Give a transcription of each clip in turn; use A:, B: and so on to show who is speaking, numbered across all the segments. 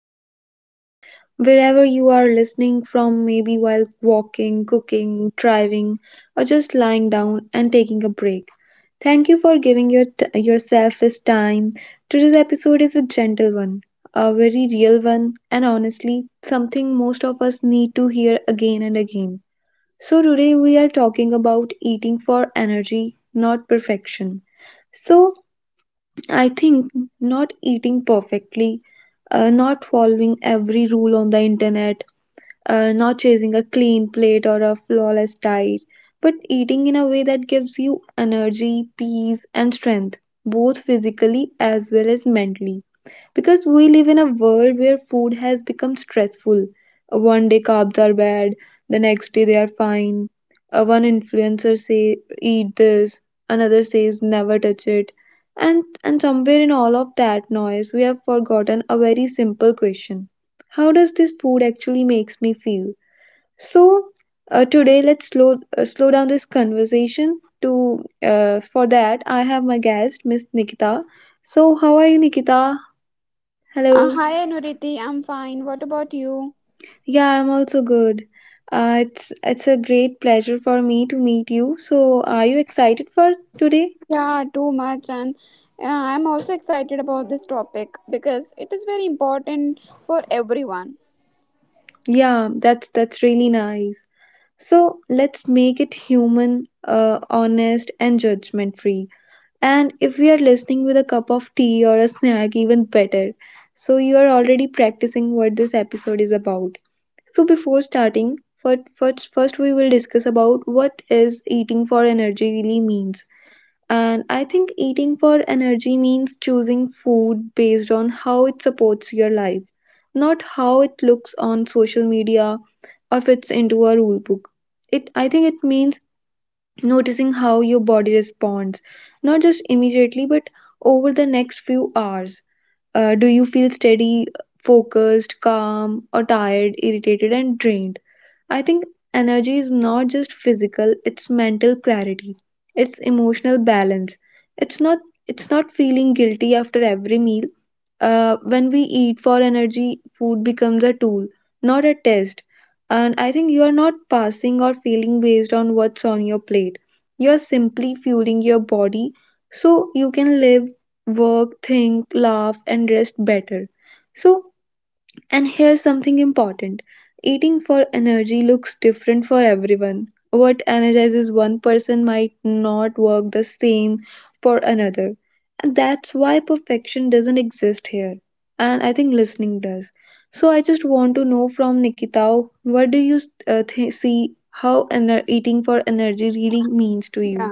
A: here today. Wherever you are listening from, maybe while walking, cooking, driving, or just lying down and taking a break. Thank you for giving yourself this time. Today's episode is a gentle one, a very real one, and honestly, something most of us need to hear again and again. So, today we are talking about eating for energy, not perfection. So I think not eating perfectly, not following every rule on the internet, not chasing a clean plate or a flawless diet, but eating in a way that gives you energy, peace, and strength, both physically as well as mentally because we live in a world where food has become stressful. One day carbs are bad, the next day they are fine. One influencer say eat this, another says never touch it. And and somewhere in all of that noise, we have forgotten a very simple question. How does this food actually makes me feel? So, today let's slow down this conversation. To For that, I have my guest, Miss Nikita. So, how are you, Nikita? Hello.
B: Hi Anuriti, I'm fine. What about you?
A: Yeah, I'm also good. It's a great pleasure for me to meet you. So, are you excited for today?
B: Yeah, too much, and I'm also excited about this topic because it is very important for everyone.
A: Yeah, that's really nice. So, let's make it human, honest and judgment-free. And if we are listening with a cup of tea or a snack, even better. So, you are already practicing what this episode is about. So, before starting, first we will discuss about what is eating for energy really means. And I think eating for energy means choosing food based on how it supports your life, not how it looks on social media or fits into a rule book. It I think it means noticing how your body responds, not just immediately but over the next few hours. Do you feel steady, focused, calm, or tired, irritated, and drained? I think energy is not just physical, it's mental clarity. It's emotional balance. It's not it's not feeling guilty after every meal. When we eat for energy, food becomes a tool, not a test. And I think you are not passing or failing based on what's on your plate. You are simply fueling your body so you can live, work, think, laugh, and rest better. So and here's something important, eating for energy looks different for everyone. What energizes one person might not work the same for another. And that's why perfection doesn't exist here. And I think listening does. So I just want to know from Nikita, what do you see how eating for energy really means to
B: Yeah.
A: you?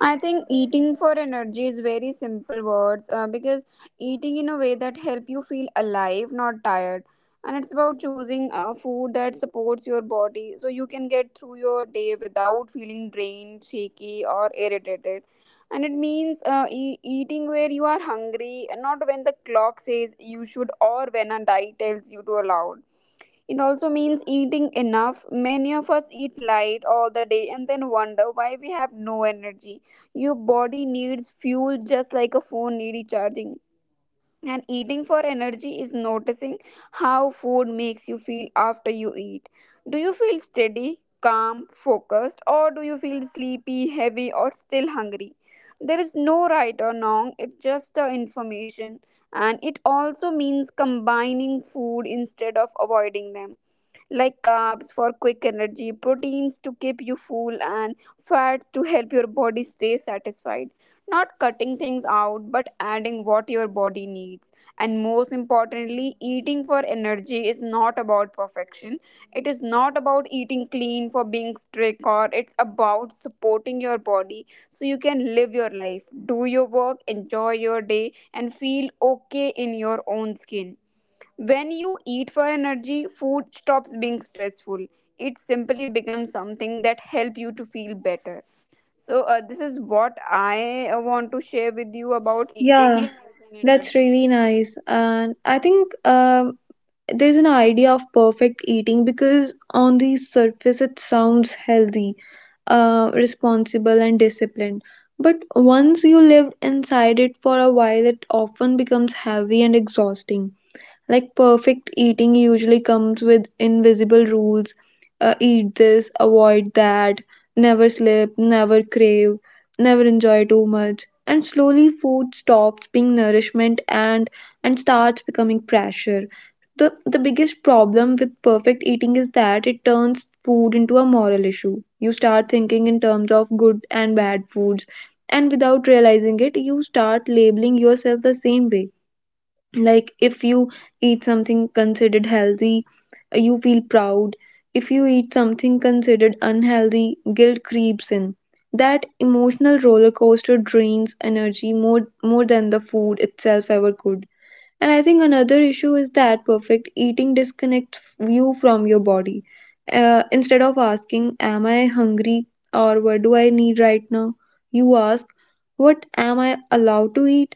B: I think eating for energy is very simple words because eating in a way that help you feel alive, not tired. And it's about choosing food that supports your body so you can get through your day without feeling drained, shaky, or irritated. And it means eating where you are hungry, not when the clock says you should or when a diet tells you to allow. It also means eating enough. Many of us eat light all the day and then wonder why we have no energy. Your body needs fuel just like a phone needs charging. And eating for energy is noticing how food makes you feel after you eat. Do you feel steady, calm, focused, or do you feel sleepy, heavy, or still hungry? There is no right or wrong, it's just the information. And it also means combining food instead of avoiding them, like carbs for quick energy, proteins to keep you full, and fats to help your body stay satisfied. Not cutting things out, but adding what your body needs. And most importantly, eating for energy is not about perfection. It is not about eating clean for being strict, or it's about supporting your body so you can live your life, do your work, enjoy your day, and feel okay in your own skin. When you eat for energy, food stops being stressful. It simply becomes something that help you to feel better. So, this is what I want to share with you about eating. Yeah.
A: Yeah,
B: And
A: that's
B: energy.
A: really nice. And I think there's an idea of perfect eating because on the surface it sounds healthy, responsible, and disciplined. But once you live inside it for a while, it often becomes heavy and exhausting. Like perfect eating usually comes with invisible rules, eat this, avoid that, never slip, never crave, never enjoy too much. And slowly, food stops being nourishment and starts becoming pressure. The biggest problem with perfect eating is that it turns food into a moral issue. You start thinking in terms of good and bad foods, and without realizing it, you start labeling yourself the same way. Like if you eat something considered healthy, you feel proud. If you eat something considered unhealthy, guilt creeps in. That emotional roller coaster drains energy more than the food itself ever could. And I think another issue is that perfect eating disconnects you from your body. Instead of asking, am I hungry or what do I need right now? You ask, what am I allowed to eat?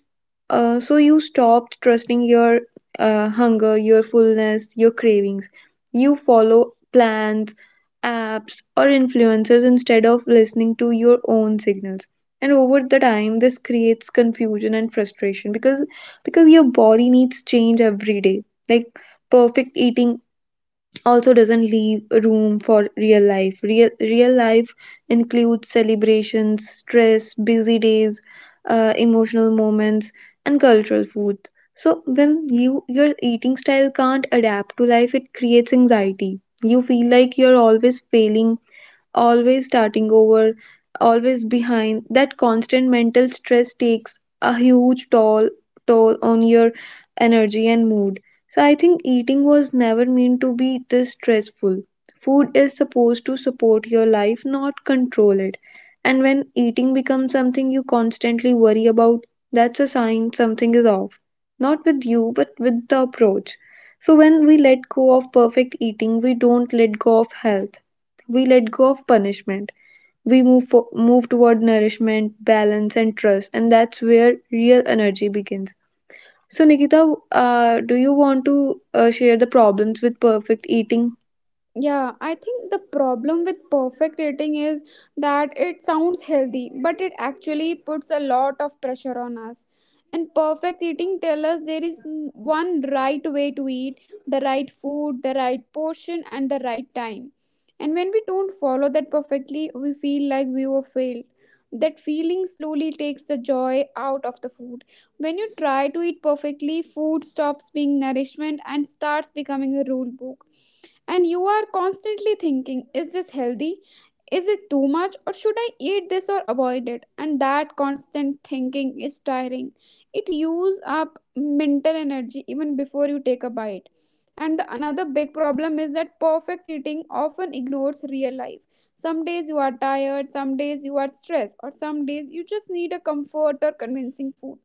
A: So you stopped trusting your hunger, your fullness, your cravings. You follow plans, apps, or influencers instead of listening to your own signals. And over the time, this creates confusion and frustration because your body needs change every day. Like perfect eating also doesn't leave room for real life. Real life includes celebrations, stress, busy days, emotional moments, and cultural food. So when you your eating style can't adapt to life, it creates anxiety. You feel like you're always failing, always starting over, always behind. That constant mental stress takes a huge toll on your energy and mood. So I think eating was never meant to be this stressful. Food is supposed to support your life, not control it. And when eating becomes something you constantly worry about, that's a sign something is off. Not with you, but with the approach. So when we let go of perfect eating, we don't let go of health, we let go of punishment. We move toward nourishment, balance, and trust, and that's where real energy begins. So, Nikita, do you want to share the problems with perfect eating?
B: Yeah, I think the problem with perfect dating is that it sounds healthy, but it actually puts a lot of pressure on us. And perfect eating tells us there is one right way to eat, the right food, the right portion, and the right time. And when we don't follow that perfectly, we feel like we were failed. That feeling slowly takes the joy out of the food. When you try to eat perfectly, food stops being nourishment and starts becoming a rule book, and you are constantly thinking, is this healthy? Is it too much? Or should I eat this or avoid it? And that constant thinking is tiring. It uses up mental energy even before you take a bite. And the another big problem is that perfect eating often ignores real life. Some days you are tired, some days you are stressed, or some days you just need a comfort or convincing food.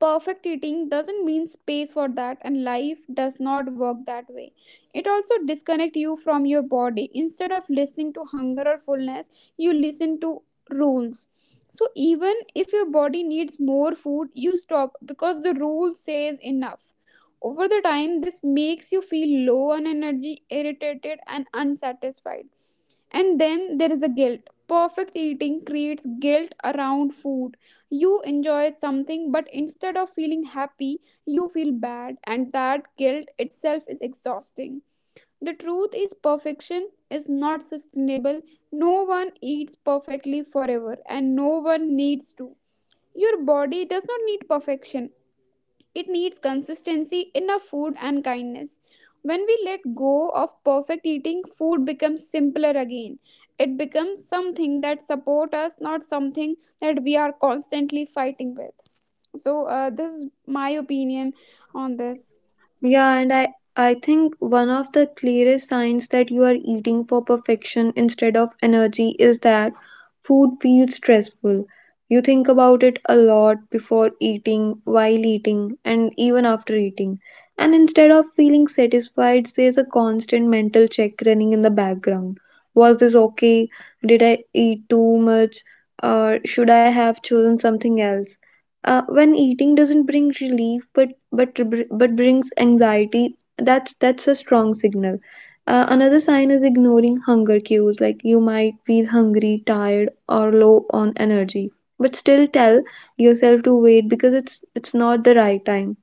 B: Perfect eating doesn't mean space for that, and life does not work that way. It also disconnects you from your body. Instead of listening to hunger or fullness, you listen to rules. So even if your body needs more food, you stop because the rule says enough. Over the time, this makes you feel low on energy, irritated, and unsatisfied. And then there is a guilt. Perfect eating creates guilt around food. You enjoy something, but instead of feeling happy, you feel bad, and that guilt itself is exhausting. The truth is, perfection is not sustainable. No one eats perfectly forever, and no one needs to. Your body does not need perfection, it needs consistency, enough food, and kindness. When we let go of perfect eating, food becomes simpler again. It becomes something that supports us, not something that we are constantly fighting with. So, this is my opinion on this.
A: Yeah, and I think one of the clearest signs that you are eating for perfection instead of energy is that food feels stressful. You think about it a lot before eating, while eating, and even after eating. And instead of feeling satisfied, there's a constant mental check running in the background. Was this okay? Did I eat too much? Or should I have chosen something else? When eating doesn't bring relief but brings anxiety, that's a strong signal. Another sign is ignoring hunger cues. Like you might feel hungry, tired, or low on energy but still tell yourself to wait because it's not the right time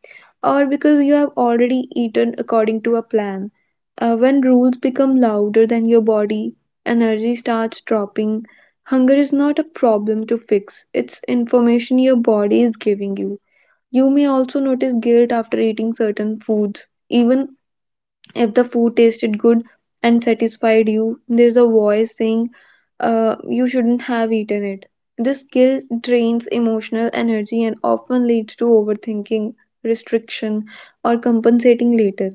A: or because you have already eaten according to a plan. When rules become louder than your body, energy starts dropping. Hunger is not a problem to fix, it's information your body is giving you. You may also notice guilt after eating certain foods. Even if the food tasted good and satisfied you, there's a voice saying you shouldn't have eaten it. This guilt drains emotional energy and often leads to overthinking, restriction, or compensating later.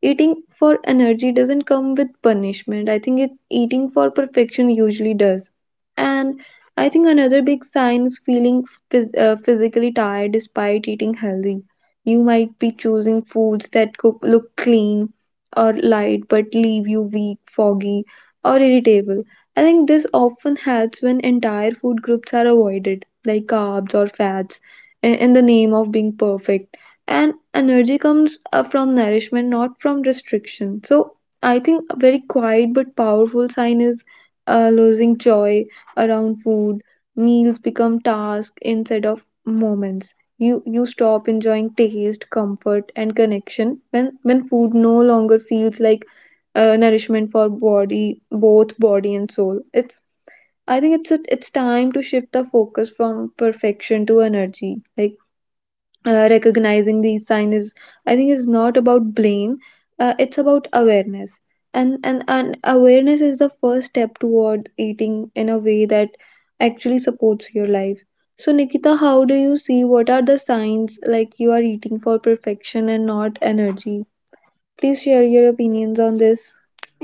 A: Eating for energy doesn't come with punishment. I think it eating for perfection usually does. And I think another big sign is feeling physically tired despite eating healthy. You might be choosing foods that cook, look clean, or light but leave you weak, foggy, or irritable. I think this often helps when entire food groups are avoided, like carbs or fats, in the name of being perfect. And energy comes from nourishment, not from restriction. So I think a very quiet but powerful sign is losing joy around food. Meals become tasks instead of moments. You stop enjoying taste, comfort, and connection when food no longer feels like nourishment for body, both body and soul. It's I think it's time to shift the focus from perfection to energy. Like recognizing these signs is, I think, is not about blame, it's about awareness. And awareness is the first step toward eating in a way that actually supports your life. So, Nikita, how do you see what are the signs like you are eating for perfection and not energy? Please share your opinions on this.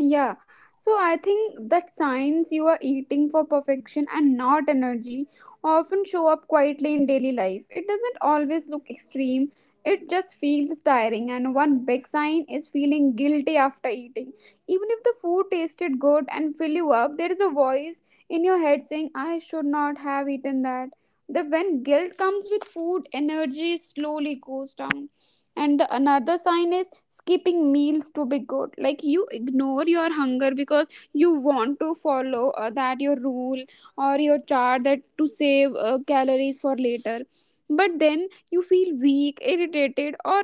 B: Yeah, so I think that signs you are eating for perfection and not energy often show up quietly in daily life. It doesn't always look extreme, it just feels tiring. And one big sign is feeling guilty after eating. Even if the food tasted good and fill you up, there is a voice in your head saying, I should not have eaten that. The when guilt comes with food, energy slowly goes down, and the another sign is skipping meals to be good, like you ignore your hunger because you want to follow that your rule or your chart that to save calories for later. But then you feel weak, irritated, or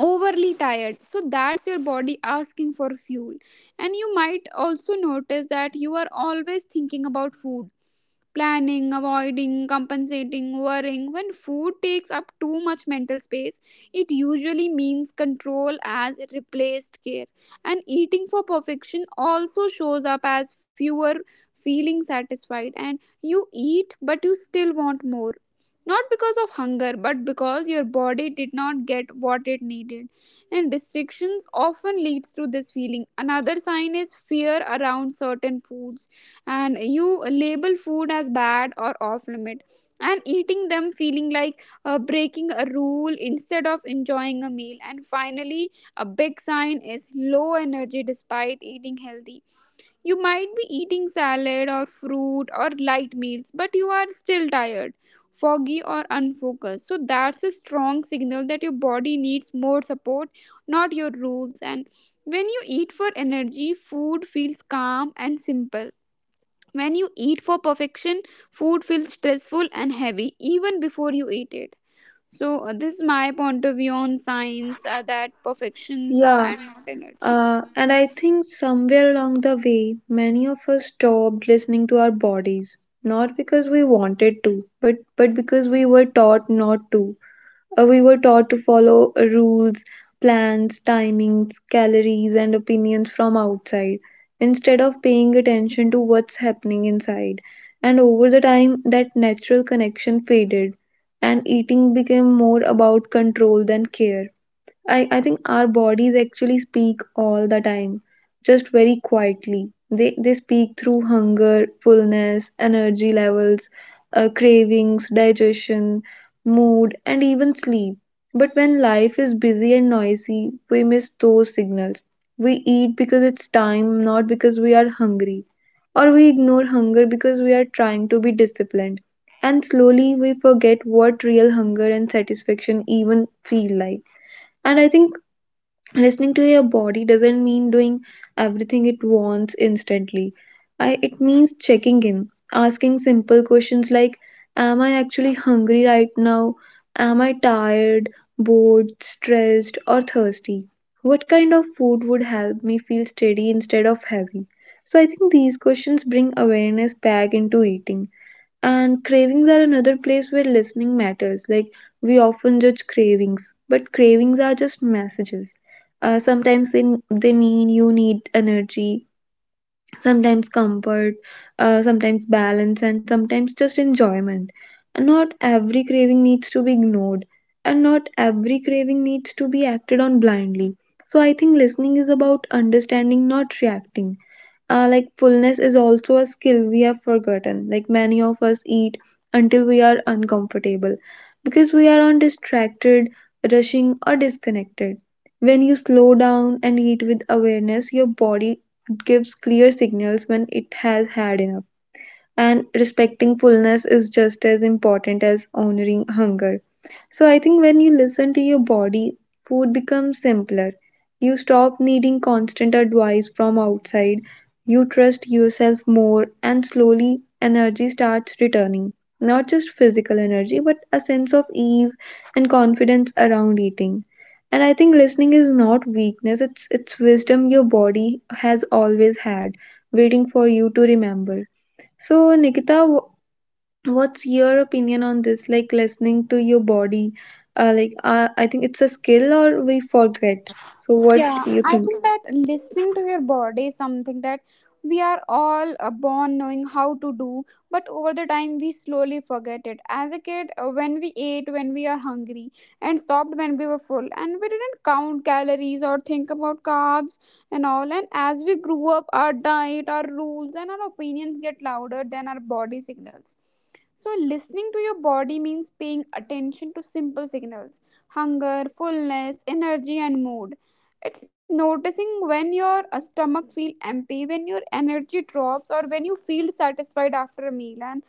B: overly tired, so that's your body asking for fuel. And you might also notice that you are always thinking about food, planning, avoiding, compensating, worrying. When food takes up too much mental space, it usually means control as replaced care. And eating for perfection also shows up as fewer feeling satisfied, and you eat but you still want more. Not because of hunger, but because your body did not get what it needed. And restrictions often leads to this feeling. Another sign is fear around certain foods, and you label food as bad or off limit, and eating them feeling like breaking a rule instead of enjoying a meal. And finally, a big sign is low energy despite eating healthy. You might be eating salad or fruit or light meals, but you are still tired, foggy, or unfocused, so that's a strong signal that your body needs more support, not your rules. And when you eat for energy, food feels calm and simple. When you eat for perfection, food feels stressful and heavy even before you eat it. So, this is my point of view on science, that perfections are
A: Yeah.
B: and not energy.
A: And I think somewhere along the way, many of us stopped listening to our bodies, not because we wanted to, but because we were taught not to. We were taught to follow rules, plans, timings, calories, and opinions from outside instead of paying attention to what's happening inside. And over the time, that natural connection faded, and eating became more about control than care. I think our bodies actually speak all the time, just very quietly. They speak through hunger, fullness, energy levels, cravings, digestion, mood, and even sleep. But when life is busy and noisy, we miss those signals. We eat because it's time, not because we are hungry. Or we ignore hunger because we are trying to be disciplined. And slowly we forget what real hunger and satisfaction even feel like. And I think listening to your body doesn't mean doing everything it wants instantly. It means checking in, asking simple questions like, am I actually hungry right now? Am I tired, bored, stressed, or thirsty? What kind of food would help me feel steady instead of heavy? So I think these questions bring awareness back into eating. And cravings are another place where listening matters. Like, we often judge cravings, but cravings are just messages. Sometimes they mean you need energy, sometimes comfort, sometimes balance, and sometimes just enjoyment. And not every craving needs to be ignored, and not every craving needs to be acted on blindly. So I think listening is about understanding, not reacting. Like fullness is also a skill we have forgotten. Like many of us eat until we are uncomfortable because we are on distracted, rushing, or disconnected. When you slow down and eat with awareness, your body it gives clear signals when it has had enough, and respecting fullness is just as important as honoring hunger. So I think when you listen to your body, food becomes simpler. You stop needing constant advice from outside. You trust yourself more, and slowly energy starts returning. Not just physical energy, but a sense of ease and confidence around eating. And I think listening is not weakness, it's wisdom your body has always had, waiting for you to remember. So, Nikita, what's your opinion on this? Like listening to your body, like I think it's a skill or we forget. So, what
B: Yeah,
A: do you
B: I
A: think?
B: think that listening to your body is something that we are all born knowing how to do, but over the time we slowly forget it. As a kid, when we ate when we are hungry and stopped when we were full, and we didn't count calories or think about carbs and all. And as we grew up, our diet, our rules, and our opinions get louder than our body signals. So, listening to your body means paying attention to simple signals: hunger, fullness, energy, and mood. It's noticing when your stomach feel empty, when your energy drops, or when you feel satisfied after a meal. And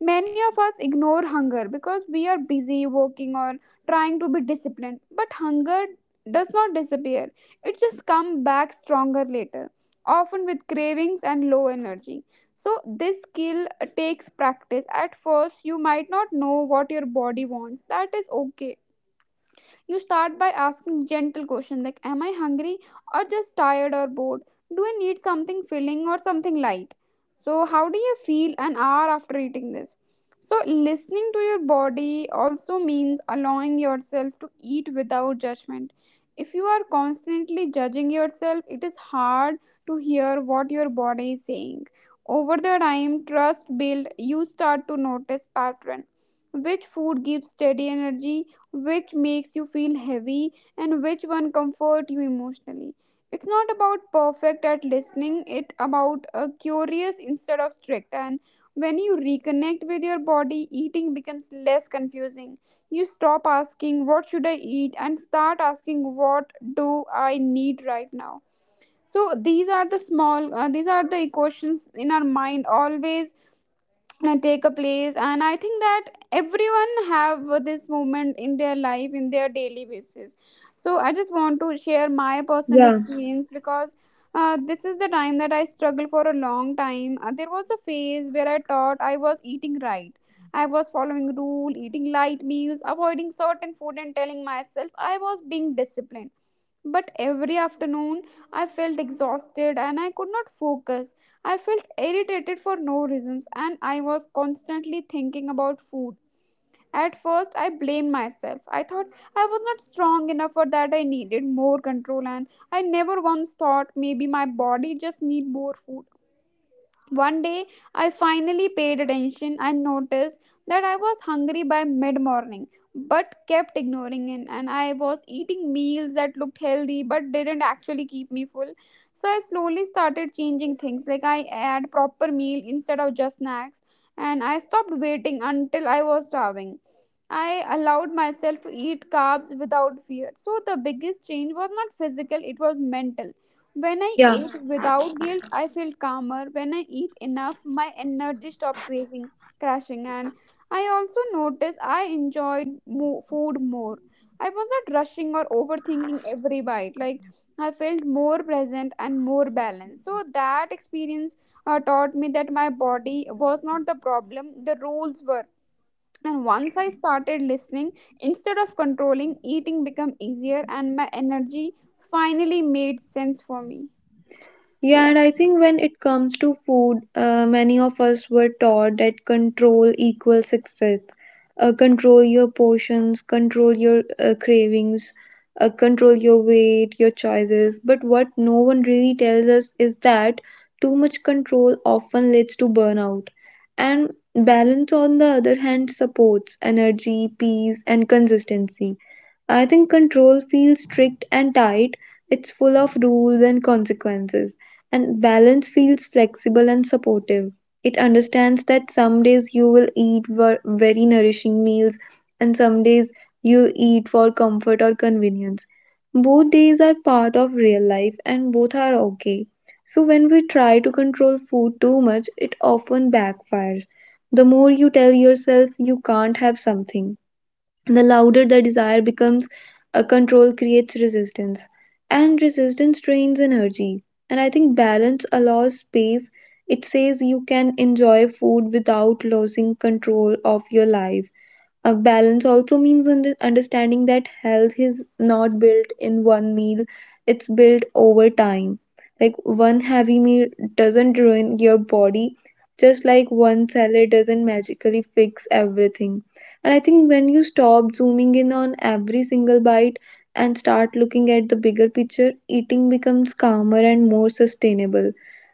B: many of us ignore hunger because we are busy working or trying to be disciplined. But hunger does not disappear; it just comes back stronger later, often with cravings and low energy. So this skill takes practice. At first, you might not know what your body wants. That is okay. You start by asking gentle questions like, am I hungry or just tired or bored? Do I need something filling or something light? So, how do you feel an hour after eating this? So, listening to your body also means allowing yourself to eat without judgment. If you are constantly judging yourself, it is hard to hear what your body is saying. Over the time, trust build, you start to notice pattern. Which food gives steady energy? Which makes you feel heavy, and which one comfort you emotionally? It's not about perfect at listening, it about curious instead of strict. And when you reconnect with your body, eating becomes less confusing. You stop asking what should I eat and start asking what do I need right now? So these are the equations in our mind, always take a place, and I think that everyone have this moment in their life in their daily basis. So I just want to share my personal
A: Yeah,
B: experience because this is the time that I struggled for a long time. There was a phase where I thought I was eating right, I was following rule, eating light meals, avoiding certain food and telling myself I was being disciplined. But every afternoon I felt exhausted and I could not focus. I felt irritated for no reasons and I was constantly thinking about food. At first, I blamed myself. I thought I was not strong enough or that I needed more control, and I never once thought maybe my body just need more food. One day, I finally paid attention and noticed that I was hungry by mid morning but kept ignoring it. And I was eating meals that looked healthy but didn't actually keep me full. So I slowly started changing things, like I had proper meal instead of just snacks, and I stopped waiting until I was starving. I allowed myself to eat carbs without fear. So the biggest change was not physical, it was mental. When I
A: yeah.
B: ate without guilt, I felt calmer. When I eat enough, my energy stopped craving, crashing, and I also noticed I enjoyed food more. I wasn't rushing or overthinking every bite. Like I felt more present and more balanced. So that experience taught me that my body was not the problem; the rules were. And once I started listening instead of controlling, eating became easier, and my energy finally made sense for me. So
A: Yeah,
B: yeah.
A: and I think when it comes to food, many of us were taught that control equals success. Control your portions, control your cravings, control your weight, your choices. But what no one really tells us is that too much control often leads to burnout. And balance, on the other hand, supports energy, peace, and consistency. I think control feels strict and tight. It's full of rules and consequences. And balance feels flexible and supportive. It understands that some days you will eat very nourishing meals, and some days you'll eat for comfort or convenience. Both days are part of real life, and both are okay. So when we try to control food too much, it often backfires. The more you tell yourself you can't have something, the louder the desire becomes. A control creates resistance, and resistance drains energy. And I think balance allows space. It says you can enjoy food without losing control of your life. A balance also means understanding that health is not built in one meal, it's built over time. Like one heavy meal doesn't ruin your body, just like one salad doesn't magically fix everything. And I think when you stop zooming in on every single bite and start looking at the bigger picture, eating becomes calmer and more sustainable.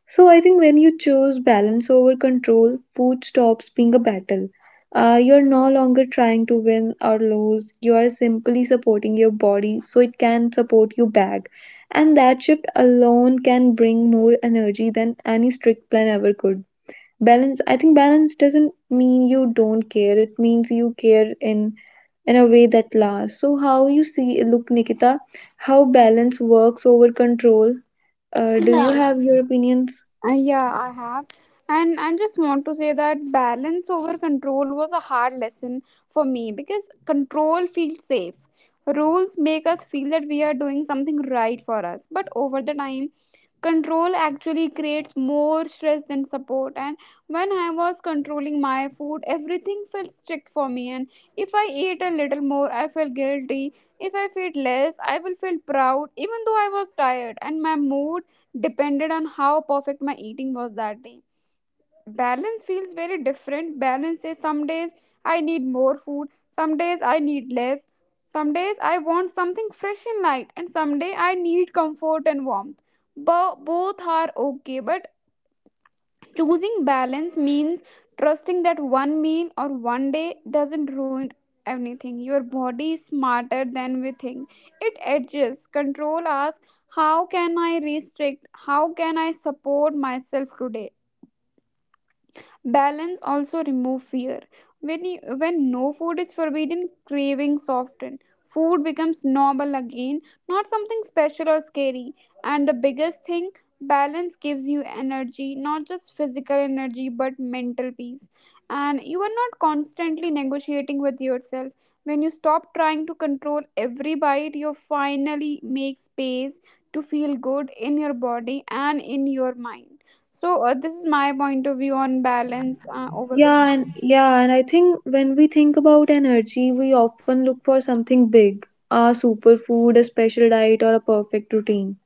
A: So I think when you choose balance over control, food stops being a battle. You're no longer trying to win or lose. You are simply supporting your body so it can support you back. And that shift alone can bring more energy than any strict plan ever could. Balance, I think balance doesn't mean you don't care. It means you care in a way that lasts. So how you see look, Nikita, how balance works over control. Do you
B: Yeah.
A: have your opinions?
B: Yeah, I have. And I just want to say that balance over control was a hard lesson for me because control feels safe. Rules make us feel that we are doing something right for us, but over the time control actually creates more stress than support. And when I was controlling my food, everything felt strict for me. And if I ate a little more, I felt guilty. If I felt less, I will feel proud, even though I was tired and my mood depended on how perfect my eating was that day. Balance feels very different. Balance is some days I need more food, some days I need less, some days I want something fresh and light and some day I need comfort and warmth, but both are okay. But choosing balance means trusting that one meal or one day doesn't ruin anything. Your body is smarter than we think. It adjusts. Control asks how can I restrict. How can I support myself today. Balance also remove fear. When you, when no food is forbidden, cravings soften. Food becomes normal again, not something special or scary. And the biggest thing, balance gives you energy, not just physical energy but mental peace. And you are not constantly negotiating with yourself. When you stop trying to control every bite, you finally make space to feel good in your body and in your mind. So this is my point of view on balance over
A: Yeah,
B: control.
A: and yeah, and I think when we think about energy, we often look for something big, a superfood, a special diet, or a perfect routine.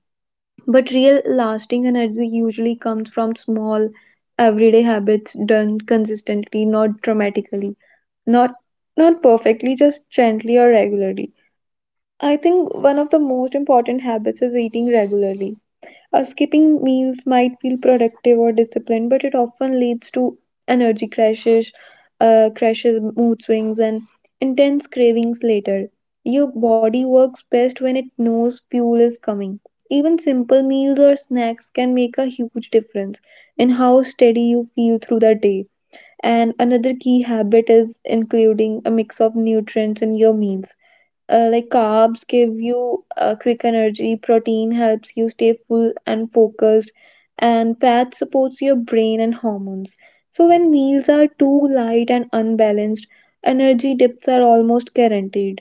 A: But real lasting energy usually comes from small, everyday habits done consistently, not dramatically, not not perfectly, just gently or regularly. I think one of the most important habits is eating regularly. Skipping meals might feel productive or disciplined, but it often leads to energy crashes, crashes, mood swings, and intense cravings later. Your body works best when it knows fuel is coming. Even simple meals or snacks can make a huge difference in how steady you feel through the day. And another key habit is including a mix of nutrients in your meals. Like carbs give you quick energy, protein helps you stay full and focused, and fat supports your brain and hormones. So, when meals are too light and unbalanced, energy dips are almost guaranteed.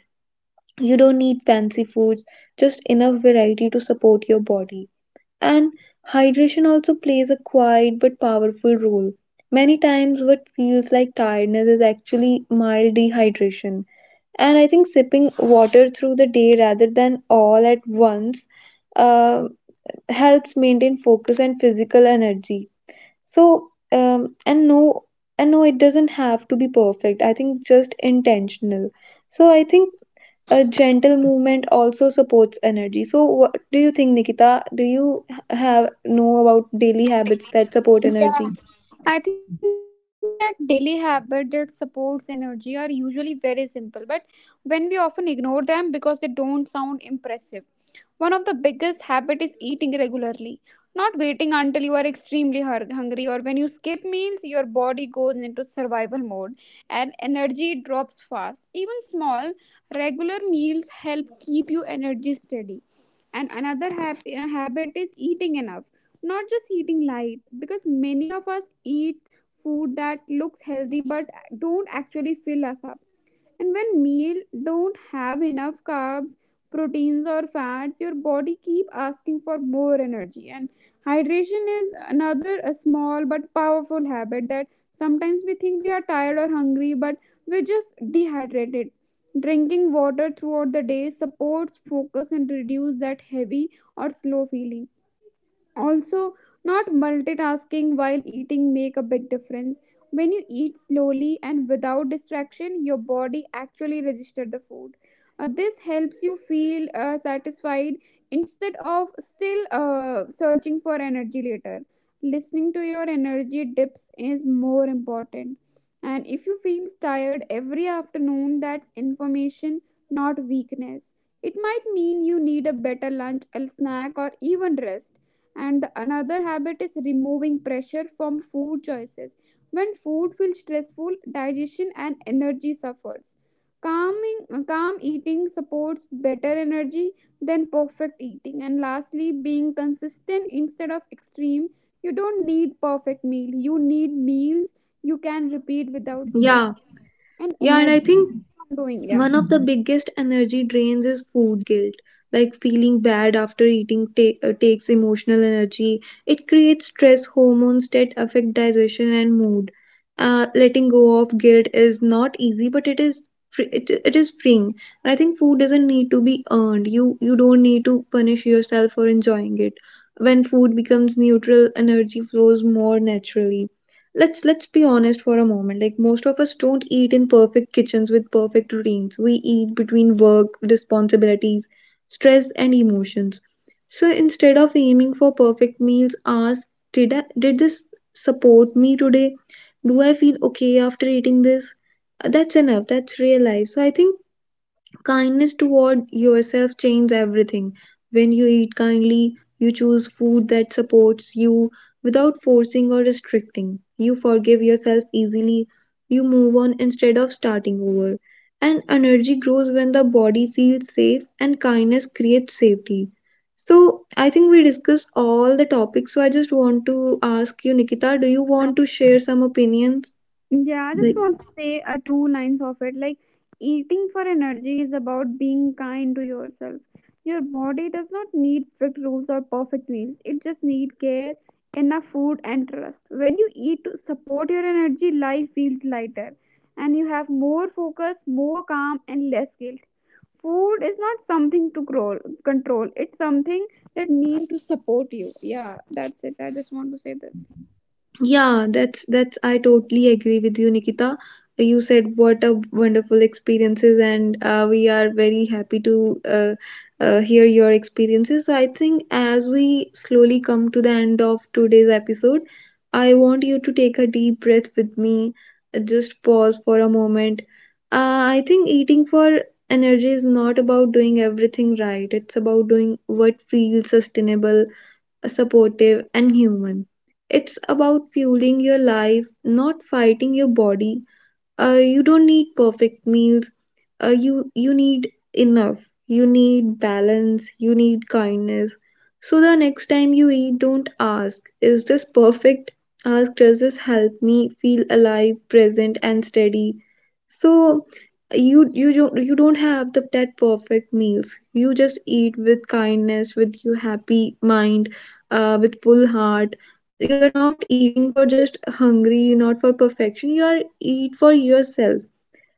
A: You don't need fancy foods, just enough variety to support your body. And hydration also plays a quiet but powerful role. Many times, what feels like tiredness is actually mild dehydration, and I think sipping water through the day rather than all at once uh, helps maintain focus and physical energy. So and no, it doesn't have to be perfect. I think just intentional. So I think a gentle movement also supports energy. So what do you think, Nikita? Do you have know about daily habits that support
B: Yeah.
A: energy?
B: I think that daily habits that supports energy are usually very simple, but when we often ignore them because they don't sound impressive. One of the biggest habit is eating regularly. Not waiting until you are extremely hungry, or when you skip meals, your body goes into survival mode and energy drops fast. Even small, regular meals help keep you energy steady. And another happy, habit is eating enough. Not just eating light, because many of us eat food that looks healthy but don't actually fill us up. And when meal don't have enough carbs, proteins or fats, your body keep asking for more energy. And hydration is another a small but powerful habit. That sometimes we think we are tired or hungry, but we're just dehydrated. Drinking water throughout the day supports focus and reduce that heavy or slow feeling. Also, not multitasking while eating make a big difference. When you eat slowly and without distraction, your body actually registers the food. This helps you feel satisfied instead of still searching for energy later. Listening to your energy dips is more important. And if you feel tired every afternoon, that's information, not weakness. It might mean you need a better lunch, a snack or even rest. And the another habit is removing pressure from food choices. When food feels stressful, digestion and energy suffers. calming Calm eating supports better energy than perfect eating. And lastly, being consistent instead of extreme. You don't need perfect meal, you need meals you can repeat without stress.
A: Yeah,
B: And
A: yeah, and I
B: energy
A: think
B: from doing, yeah.
A: one of the biggest energy drains is food guilt. Like feeling bad after eating takes emotional energy. It creates stress hormones that affect digestion and mood. Letting go of guilt is not easy, but it is free, it is freeing. And I think food doesn't need to be earned. You don't need to punish yourself for enjoying it. When food becomes neutral, energy flows more naturally. Let's be honest for a moment. Like most of us don't eat in perfect kitchens with perfect routines. We eat between work responsibilities, stress, and emotions. So instead of aiming for perfect meals, ask, did this support me today? Do I feel okay after eating this? That's enough, that's real life. So I think kindness toward yourself changes everything. When you eat kindly, you choose food that supports you without forcing or restricting. You forgive yourself easily. You move on instead of starting over. And energy grows when the body feels safe, and kindness creates safety. So, I think we discussed all the topics. So, I just want to ask you, Nikita, do you want to share some opinions?
B: Yeah, I just
A: Like,
B: want to say two lines of it. Like, eating for energy is about being kind to yourself. Your body does not need strict rules or perfect meals, it just needs care, enough food, and trust. When you eat to support your energy, life feels lighter and you have more focus, more calm, and less guilt. Food is not something to grow, control, it's something that means to support you. Yeah, that's it. I just want to say this.
A: yeah, that's I totally agree with you, Nikita. You said what a wonderful experiences, and we are very happy to hear your experiences. So I think as we slowly come to the end of today's episode, I want you to take a deep breath with me. Just pause for a moment. I think eating for energy is not about doing everything right. It's about doing what feels sustainable, supportive, and human. It's about fueling your life, not fighting your body. You don't need perfect meals. You need enough, you need balance, you need kindness. So the next time you eat, don't ask, is this perfect? Ask, does this help me feel alive, present, and steady? So you don't have that perfect meals. You just eat with kindness, with your happy mind, with full heart. You're not eating for just hungry, not for perfection, you are eat for yourself.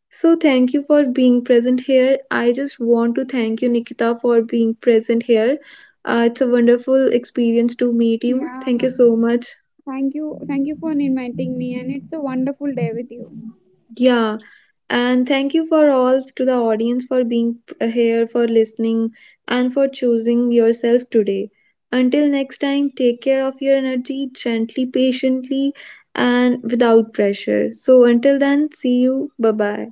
A: So thank you for being present here. I just want to thank you, Nikita, for being present here. It's a wonderful experience to meet you.
B: Yeah.
A: Thank you so much.
B: Thank you. Thank you for inviting me, and it's a wonderful day with you.
A: Yeah, and thank you for all to the audience for being here, for listening, and for choosing yourself today. Until next time, take care of your energy gently, patiently, and without pressure. So, until then, see you. Bye bye.